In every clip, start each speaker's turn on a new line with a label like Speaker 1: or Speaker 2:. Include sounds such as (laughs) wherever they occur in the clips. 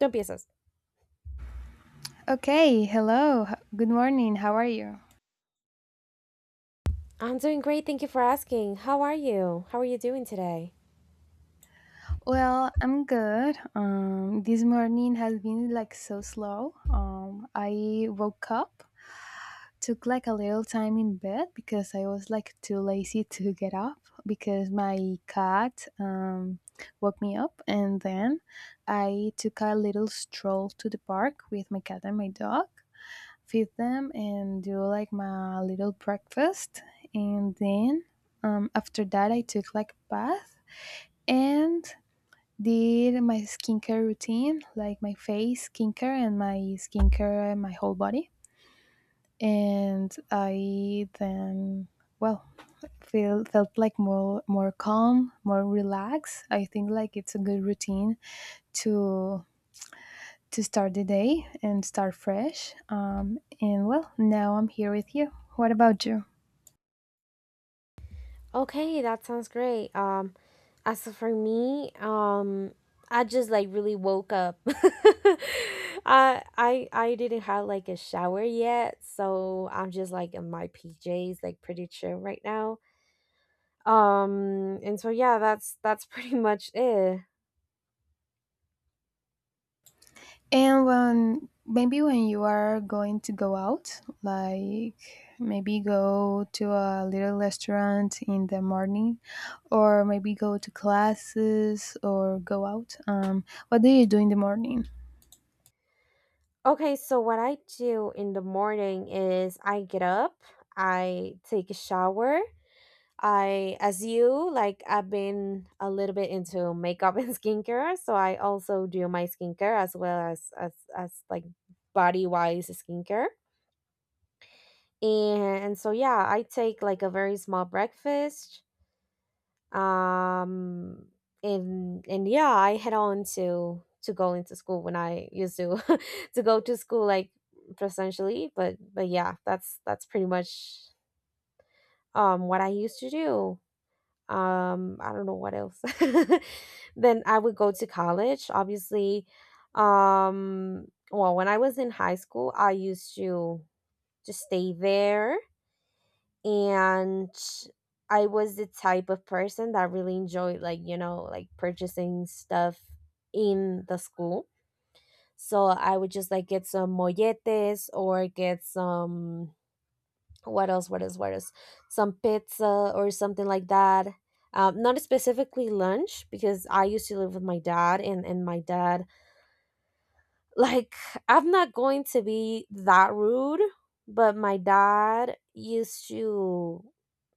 Speaker 1: Tú empiezas.
Speaker 2: Okay, hello. Good morning. How are you?
Speaker 1: I'm doing great. Thank you for asking. How are you? How are you doing today?
Speaker 2: Well, I'm good. This morning has been like so slow. I woke up, took like a little time in bed because I was like too lazy (laughs) to get up because my cat woke me up, and then I took a little stroll to the park with my cat and my dog, feed them and do like my little breakfast, and then after that I took like a bath and did my skincare routine, like my face skincare and my whole body. And I then, well, feel felt like more calm, more relaxed. I think like it's a good routine to start the day and start fresh. And well, now I'm here with you. What about you?
Speaker 1: Okay, that sounds great. As for me, I just like really woke up. (laughs) I didn't have like a shower yet, so I'm just like in my PJs, like pretty chill right now. And so yeah, that's (laughs) pretty much it.
Speaker 2: And when, maybe when you are going to go out, like maybe go to a little restaurant in the morning, or maybe go to classes or go out. What do you do in the morning?
Speaker 1: Okay, so what I do in the morning is I get up, I take a shower, I, as you, like I've been a little bit into makeup (laughs) and skincare, so I also do my skincare as well as like body wise skincare. And so yeah, I take like a very small breakfast. Um and yeah, I head on to go into school when I used to (laughs) to go to school like presentially, but yeah, that's pretty much what I used to do. I don't know what else. (laughs) Then I would go to college obviously. um well, when I was in high school, I used to just stay there, and I was the type of person that really enjoyed, like, you know, like purchasing stuff in the school, so I would just like get some molletes or get some, what else, what else, what else, some pizza or something like that. Not specifically lunch because I used to live with my dad, and my dad (laughs) like, I'm not going to be that rude, but my dad used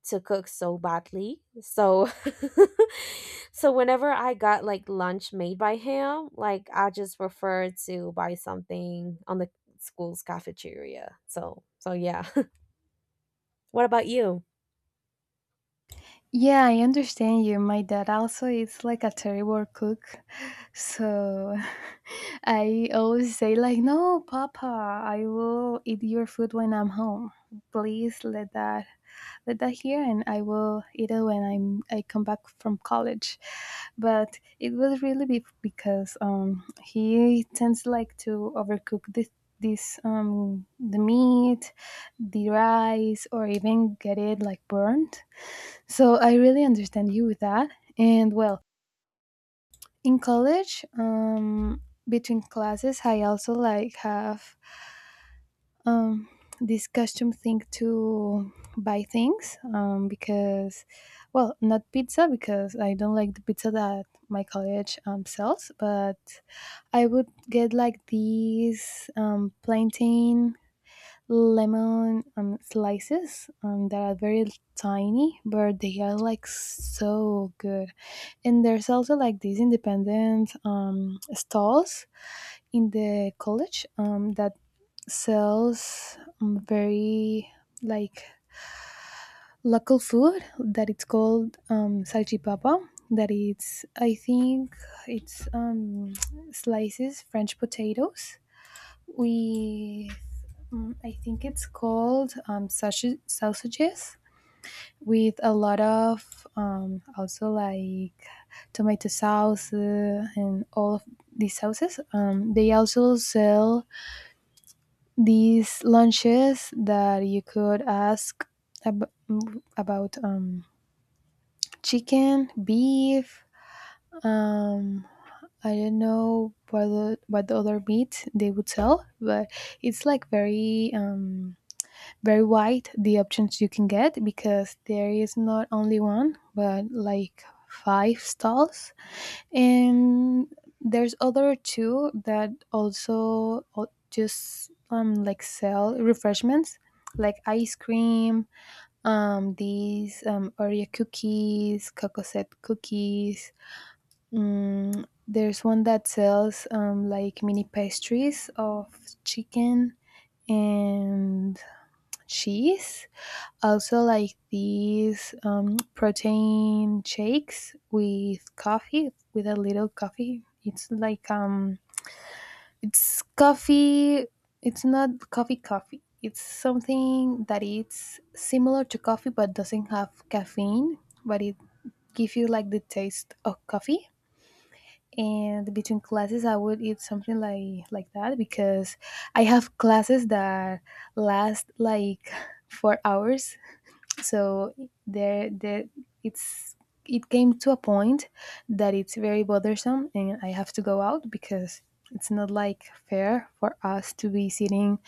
Speaker 1: to cook so badly. So (laughs) so whenever I got like lunch made by him, like I just prefer to buy something on the school's cafeteria, so so yeah. (laughs) What about you?
Speaker 2: Yeah, I understand you. My dad also is like a terrible cook. So (laughs) I always say like, "No, papa, I will eat your food when I'm home. Please let that here and I will eat it when I come back from college." But it was really because he tends like to overcook this this the meat, the rice, or even get it like burnt. So I really understand you with that. And well, in college, between classes, I also like have um, this custom thing to buy things, because, well, not pizza because I don't like the pizza that my college sells, but I would get like these plantain lemon slices, that are very tiny, but they are like so good. And there's also like these independent stalls in the college that sells very like local food that it's called salchipapa. That it's I think it's slices French potatoes with, I think it's called sausages with a lot of, also like tomato sauce, and all of these sauces. They also sell these lunches that you could ask about chicken, beef. Um, I don't know what the other meat they would sell, but it's like very wide the options you can get because there is not only one but like five stalls, and there's other two that also just like sell refreshments, like ice cream, these oreo cookies, cocoset cookies. There's one that sells like mini pastries of chicken and cheese also, like these protein shakes with coffee, with a little coffee. It's like, it's coffee. It's not coffee coffee. It's something that it's similar to coffee but doesn't have caffeine, but it gives you like the taste of coffee. And between classes, I would eat something like that because I have classes that last like (laughs) 4 hours, so there it's it came to a point that it's very bothersome and I have to go out because it's not like fair for us to be sitting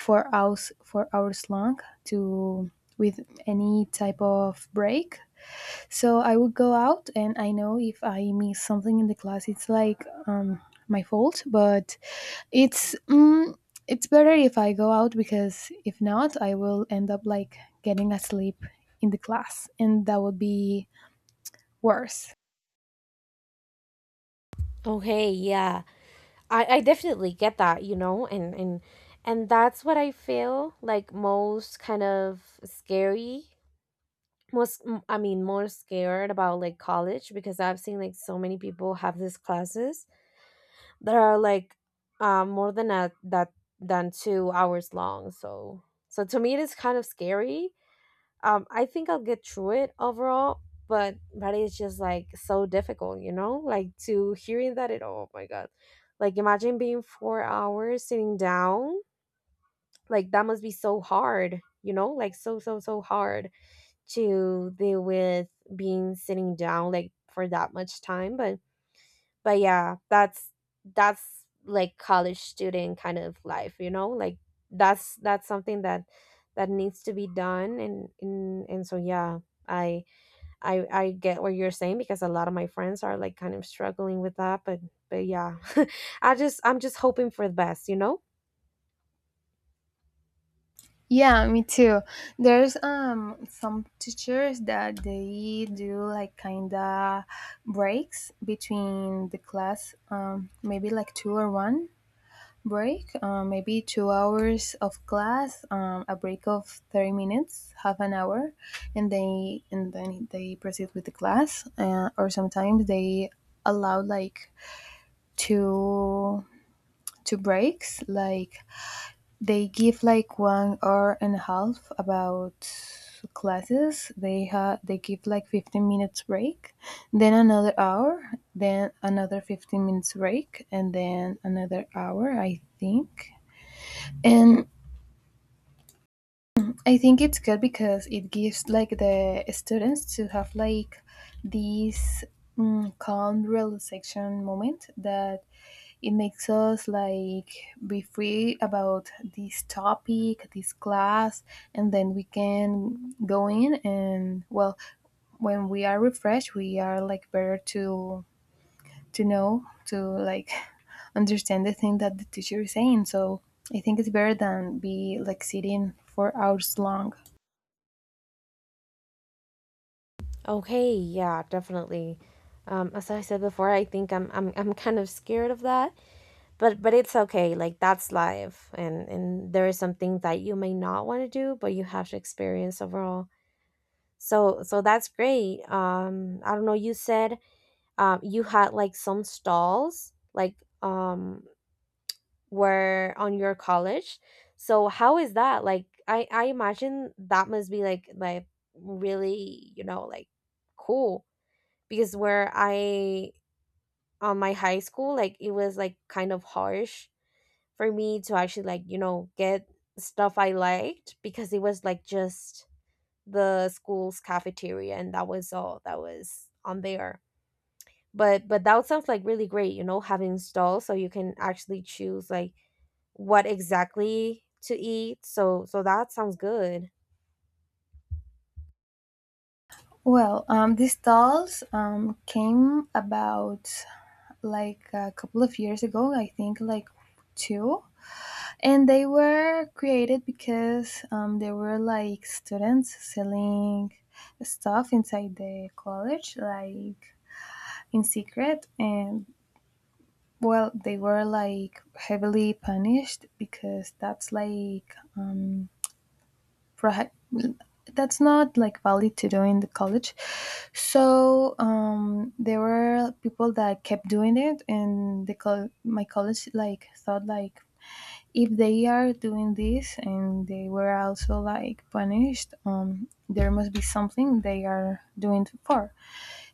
Speaker 2: for hours long, to, with any type of break. So I would go out, and I know if I miss something in the class, it's like my fault, but it's mm, it's better if I go out, because if not, I will end up like getting asleep in the class, and that would be worse.
Speaker 1: Okay, yeah. I definitely get that, you know, and that's what I feel like most kind of scary. I mean, more scared about like college because I've seen like so many people have these classes that are like more than a, that than 2 hours long. So so to me it is kind of scary. I think I'll get through it overall, but it's just like so difficult, you know, like to hearing that it, oh my god, like imagine being 4 hours sitting down, like that must be so hard, you know, like so hard to deal with being sitting down like for that much time, but yeah, that's like college student kind of life, you know? Like that's something that that needs to be done, and so yeah, I I get what you're saying because a lot of my friends are like kind of struggling with that, but yeah. (laughs) I'm just hoping for the best, you know?
Speaker 2: Yeah, me too. There's some teachers that they do like kinda breaks between the class, maybe like two or one, break, maybe 2 hours of class, a break of 30 minutes, half an hour, and they and then they proceed with the class. Or sometimes they allow like two two breaks, like they give like one hour and a half about classes. They give like 15 minutes break, then another hour, then another 15 minutes break, and then another hour, I think. And I think it's good because it gives like the students to have like this calm relaxation moment that it makes us like be free about this topic, this class, and then we can go in and, well, when we are refreshed, we are like better to know to like (laughs) understand the thing that the teacher is saying. So I think it's better than be like sitting for hours long.
Speaker 1: Okay, yeah, definitely. As I said before, I think I'm kind of scared of that. But it's okay, like that's life, and there is something that you may not want to do, but you have to experience overall. So so that's great. I don't know, you said you had like some stalls like were on your college. So how is that? Like I imagine that must be like really, you know, like cool, because where I, on my high school, like it was like kind of harsh for me to actually, like, you know, get stuff I liked because it was like just the school's cafeteria, and that was all that was on there. But that sounds like really great, you know, having stalls so you can actually choose like what exactly to eat, so so that sounds good.
Speaker 2: Well, these dolls came about like a couple of years ago, I think like two. And they were created because they were like students selling stuff inside the college, like in secret. And well, they were like heavily punished because prohi- that's not like valid to do in the college. So there were people that kept doing it, and my college like thought, like if they are doing this and they were also like punished, there must be something they are doing for.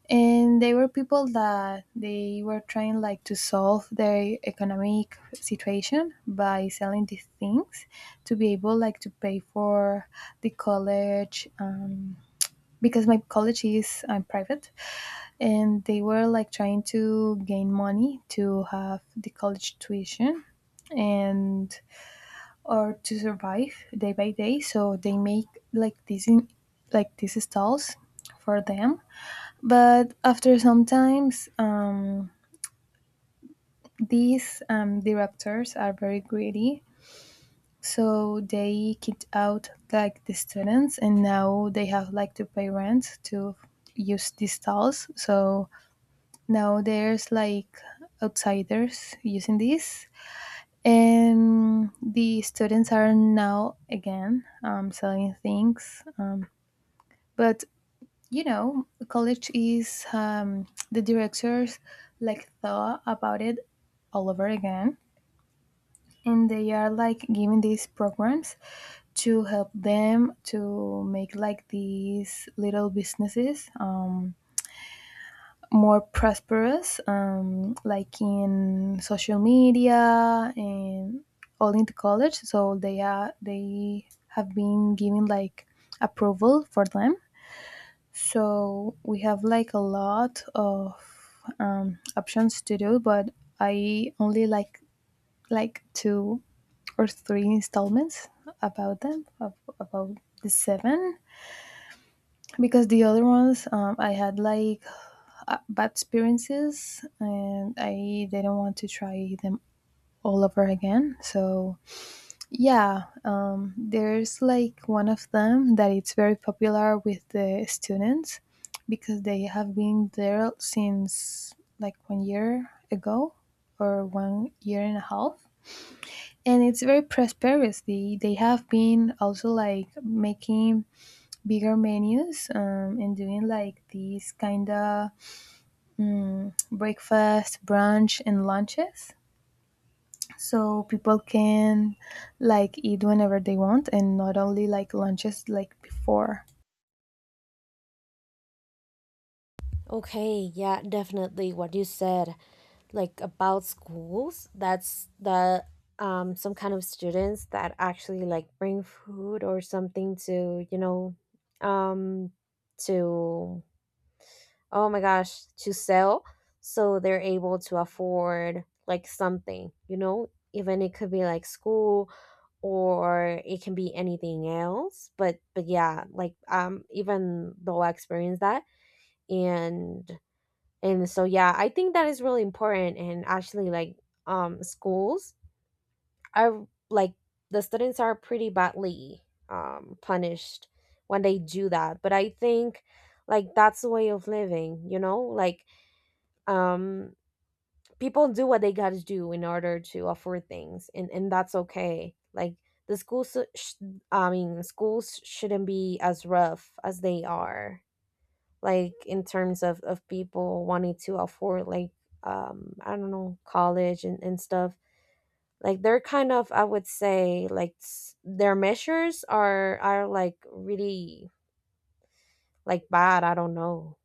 Speaker 2: And they were people that they were trying like to solve their economic situation by selling these things to be able like to pay for the college. Because my college is I'm private, and they were like trying to gain money to have the college tuition and or to survive day by day, so they make like like these stalls for them. But after sometimes, these, directors are very greedy, so they kicked out like the students and now they have like to pay rent to use these stalls. So now there's like outsiders using this, and the students are now again selling things, but college is, the directors like thought about it all over again, and they are like giving these programs to help them to make like these little businesses more prosperous, like in social media and all into college. So they have been giving like approval for them. So we have like a lot of options to do, but I only like two or three installments about them ab- about the seven, because the other ones I had like bad experiences and I didn't want to try them all over again. So, yeah, there's like one of them that it's very popular with the students because they have been there since like one year ago or one year and a half. And it's very prosperous. They have been also like making bigger menus, and doing like these kind of, breakfast, brunch, and lunches. So people can like eat whenever they want and not only like lunches like before.
Speaker 1: Okay, yeah, definitely what you said, like about schools, that's the, some kind of students that actually like bring food or something to, you know, um to oh my gosh, to sell, so they're able to afford like something, you know, even it could be like school, or it can be anything else. But yeah, like even though I experienced that, and and so yeah, I think that is really important, and actually like, schools are like, the students are pretty badly punished when they do that, but I think like that's the way of living, you know, like, um people do what they gotta do in order to afford things, and that's okay. Like the schools sh- I mean schools shouldn't be as rough as they are, like in terms of people wanting to afford like, I don't know, college, and stuff. Like they're kind of, I would say, like their measures are like really like bad, I don't know.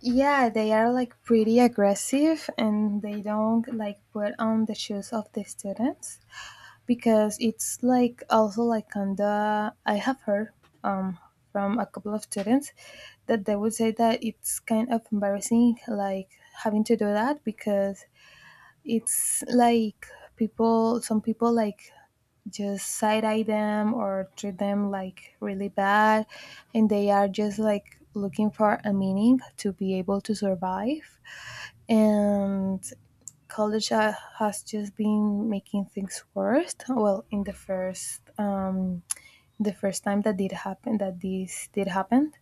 Speaker 2: Yeah, they are like pretty aggressive and they don't like put on the shoes of the students because it's like also like kinda I have heard, um from a couple of students, that they would say that it's kind of embarrassing like having to do that because it's like people some people like just side eye them or treat them like really bad, and they are just like looking for a meaning to be able to survive. And college has just been making things worse, well, in the first time that did happen that this did happen.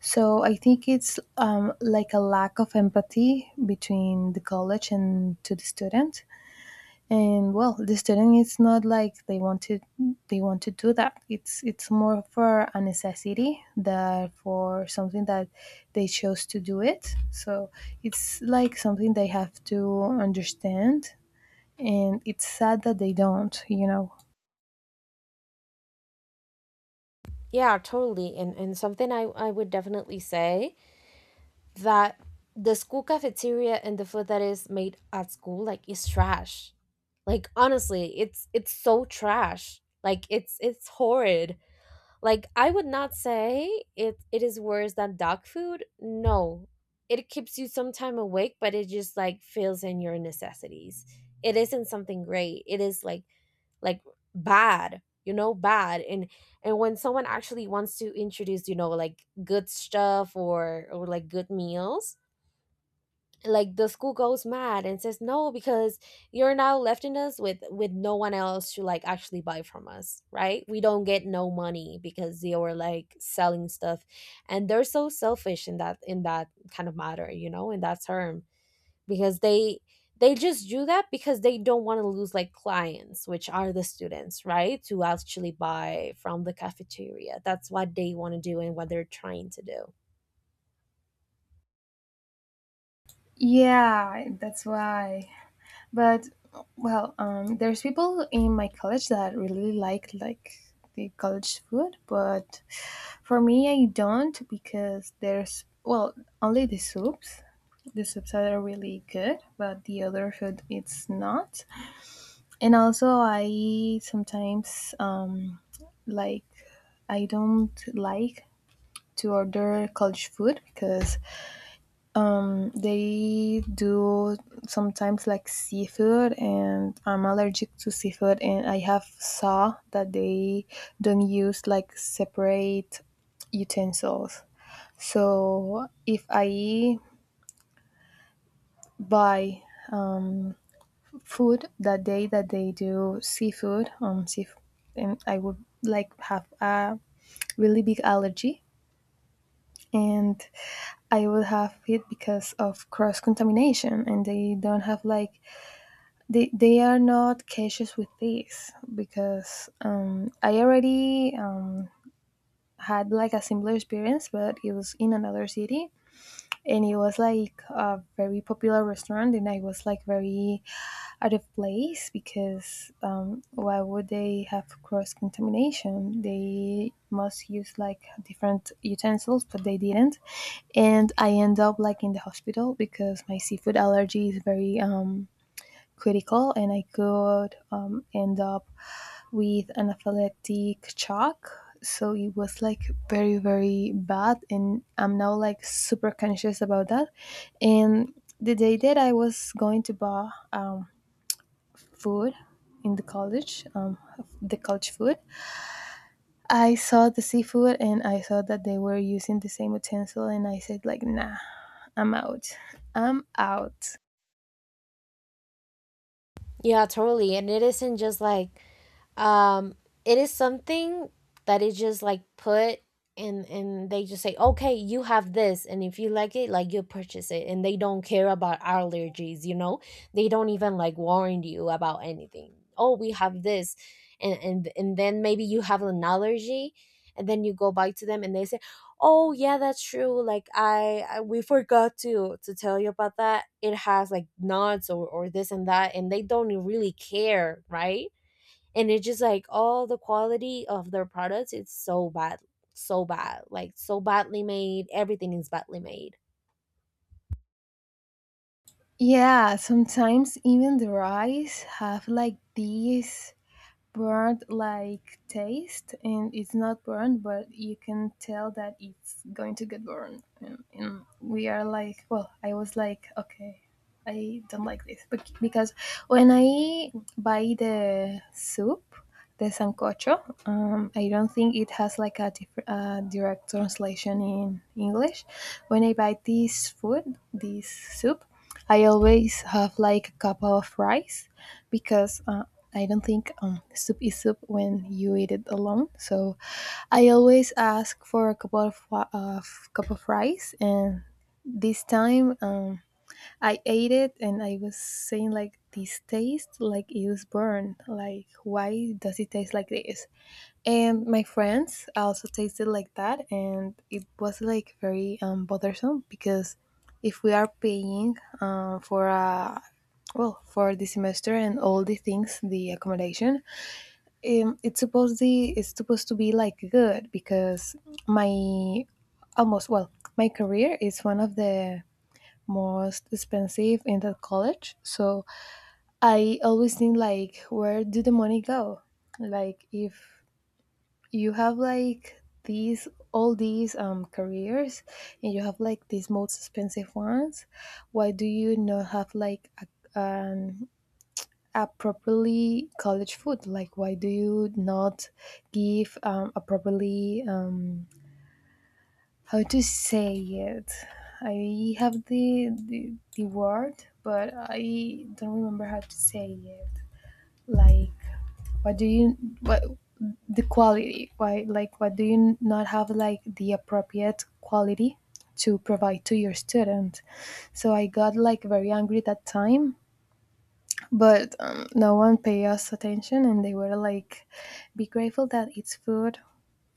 Speaker 2: So I think it's like a lack of empathy between the college and to the student. And, well, the student it's not like they want to do that. It's more for a necessity that for something that they chose to do it. So it's like something they have to understand, and it's sad that they don't, you know.
Speaker 1: Yeah, totally, and something I would definitely say that the school cafeteria and the food that is made at school, like is trash, like honestly, it's so trash, like it's horrid. Like I would not say it is worse than dog food. No. It keeps you some time awake, but it just like fills in your necessities. It isn't something great. It is like bad, you know, bad, and when someone actually wants to introduce, you know, like good stuff or like good meals, like the school goes mad and says no because you're now lefting us with no one else to like actually buy from us, right? We don't get no money because they were like selling stuff, and they're so selfish in that kind of matter, you know, in that term, because they just do that because they don't want to lose like clients, which are the students, right, to actually buy from the cafeteria. That's what they want to do and what they're trying to do.
Speaker 2: Yeah, that's why. But, well, there's people in my college that really like the college food, but for me I don't, because there's, well, only the soups are really good, but the other food it's not. And also I sometimes like I don't like to order college food because they do sometimes like seafood, and I'm allergic to seafood. And I have saw that they don't use like separate utensils. So if I buy food that day that they do seafood, and I would like have a really big allergy. And I would have it because of cross contamination, and they don't have like, they are not cautious with this because, I already, had like a similar experience, but it was in another city, and it was like a very popular restaurant, and I was like very out of place because, why would they have cross contamination? They must use like different utensils, but they didn't, and I end up like in the hospital because my seafood allergy is very critical and I could end up with anaphylactic shock. So it was like very, very bad. And I'm now like super conscious about that. And the day that I was going to buy food in the college food, I saw the seafood and I saw that they were using the same utensil. And I said, like, nah, I'm out. I'm out.
Speaker 1: Yeah, totally. And it isn't just like, um it is something that is just like put, and they just say, okay, you have this, and if you like it, like you purchase it, and they don't care about allergies, you know, they don't even like warn you about anything. Oh, we have this, and then maybe you have an allergy, and then you go back to them and they say, oh yeah, that's true, like I we forgot to tell you about that, it has like nuts or this and that, and they don't really care, right? And it's just like all the quality of their products, it's so bad, so bad, like so badly made, everything is badly made.
Speaker 2: Yeah, sometimes even the rice have like these burnt like taste, and it's not burnt but you can tell that it's going to get burned. And we are like, well, I was like, okay, I don't like this because when I buy the soup, the sancocho, I don't think it has like a direct translation in English. When I buy this food, this soup, I always have like a cup of rice, because I don't think soup is soup when you eat it alone. So I always ask for a couple of cup of rice, and this time, I ate it, and I was saying like, this taste like it was burned. Like, why does it taste like this? And my friends also tasted like that, and it was like very bothersome because if we are paying for a, well, for the semester and all the things, the accommodation, it's supposed the it's supposed to be like good, because my, almost, well, my career is one of the most expensive in that college. So I always think like, where do the money go? Like, if you have like these, all these careers, and you have like these most expensive ones, why do you not have like a, an, a properly college food? Like, why do you not give a properly, how to say it, I have the, the word but I don't remember how to say it, like, what do you, what, the quality, why, like, what do you not have like the appropriate quality to provide to your student? So I got like very angry that time, but no one paid us attention, and they were like, be grateful that it's food,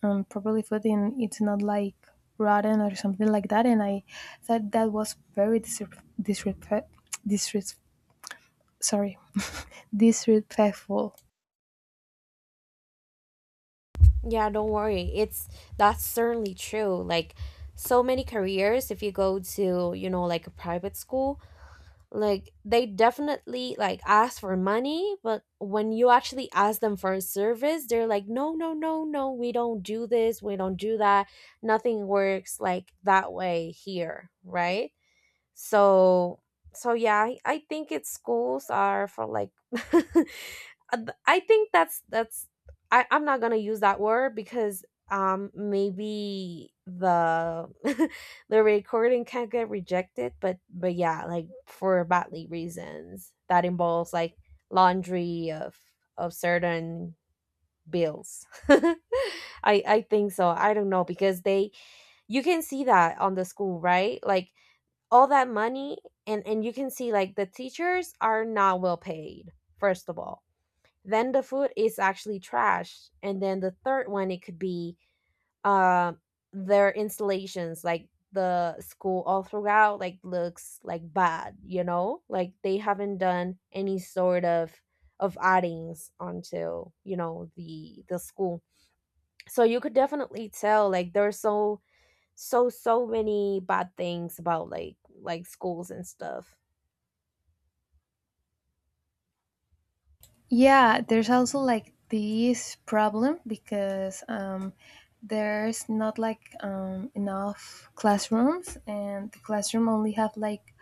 Speaker 2: properly food, and it's not like rotten or something like that. And I thought that was very disres- sorry, (laughs) disrespectful.
Speaker 1: Yeah, don't worry, it's, that's certainly true. Like so many careers, if you go to, you know, like a private school, like they definitely like ask for money, but when you actually ask them for a service, they're like no no no no, we don't do this, we don't do that. Nothing works like that way here, right? So so yeah, I think it's, schools are for like (laughs) I think I'm not gonna use that word because maybe the (laughs) the recording can not get rejected. But yeah, like for badly reasons that involves like laundry of certain bills. (laughs) I think so, I don't know, because they, you can see that on the school, right? Like all that money, and you can see like the teachers are not well paid, first of all, then the food is actually trash, and then the third one, it could be uh, their installations, like the school all throughout like looks like bad, you know, like they haven't done any sort of addings onto, you know, the school. So you could definitely tell, like there's so so many bad things about like schools and stuff.
Speaker 2: Yeah, there's also like this problem because there's not like enough classrooms, and the classroom only have like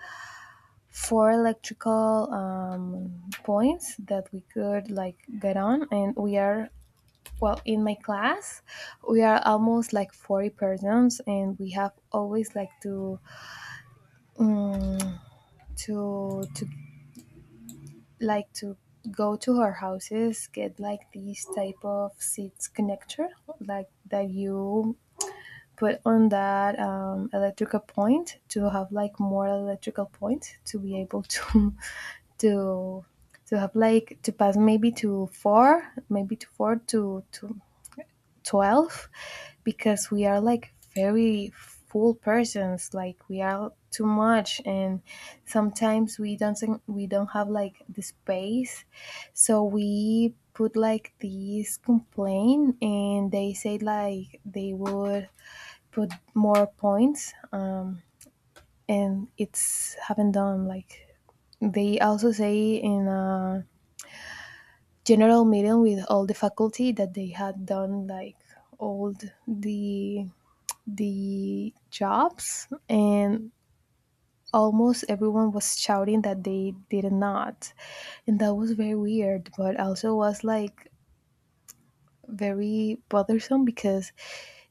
Speaker 2: four electrical points that we could like get on, and we are, well, in my class, we are almost like 40 persons, and we have always like to, um, to like to go to our houses, get like these type of seats connector, like, that you put on that electrical point, to have like more electrical point to be able (laughs) to to have like to pass maybe to four to 12, because we are like very full persons. Like, we are too much, and sometimes we don't think- we don't have like the space, so we put like these complaint, and they say like they would put more points. And it's haven't done like, they also say in general meeting with all the faculty that they had done like all the the jobs, and almost everyone was shouting that they did not. And that was very weird, but also was like very bothersome, because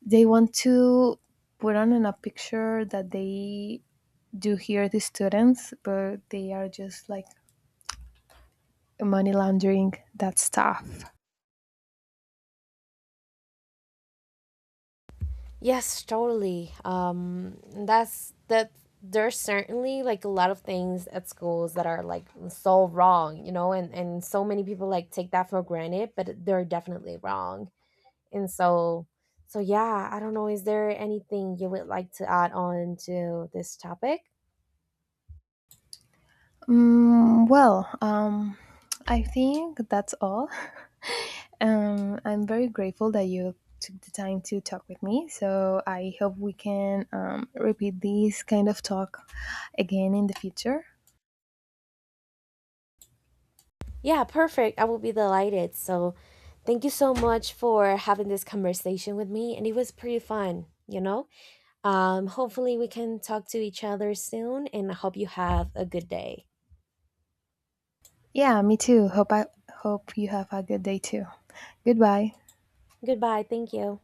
Speaker 2: they want to put on in a picture that they do hear the students, but they are just like money laundering that stuff.
Speaker 1: Yes, totally. That's that. There's certainly like a lot of things at schools that are like so wrong, you know, and so many people like take that for granted, but they're definitely wrong. And so, so yeah, I don't know, is there anything you would like to add on to this topic?
Speaker 2: Mm, well, I think that's all. (laughs) I'm very grateful that you took the time to talk with me. So I hope we can repeat this kind of talk again in the future.
Speaker 1: Yeah, perfect. I will be delighted. So, thank you so much for having this conversation with me, and it was pretty fun, you know. Hopefully, we can talk to each other soon, and I hope you have a good day.
Speaker 2: Yeah, me too. Hope I hope you have a good day too. Goodbye.
Speaker 1: Goodbye. Thank you.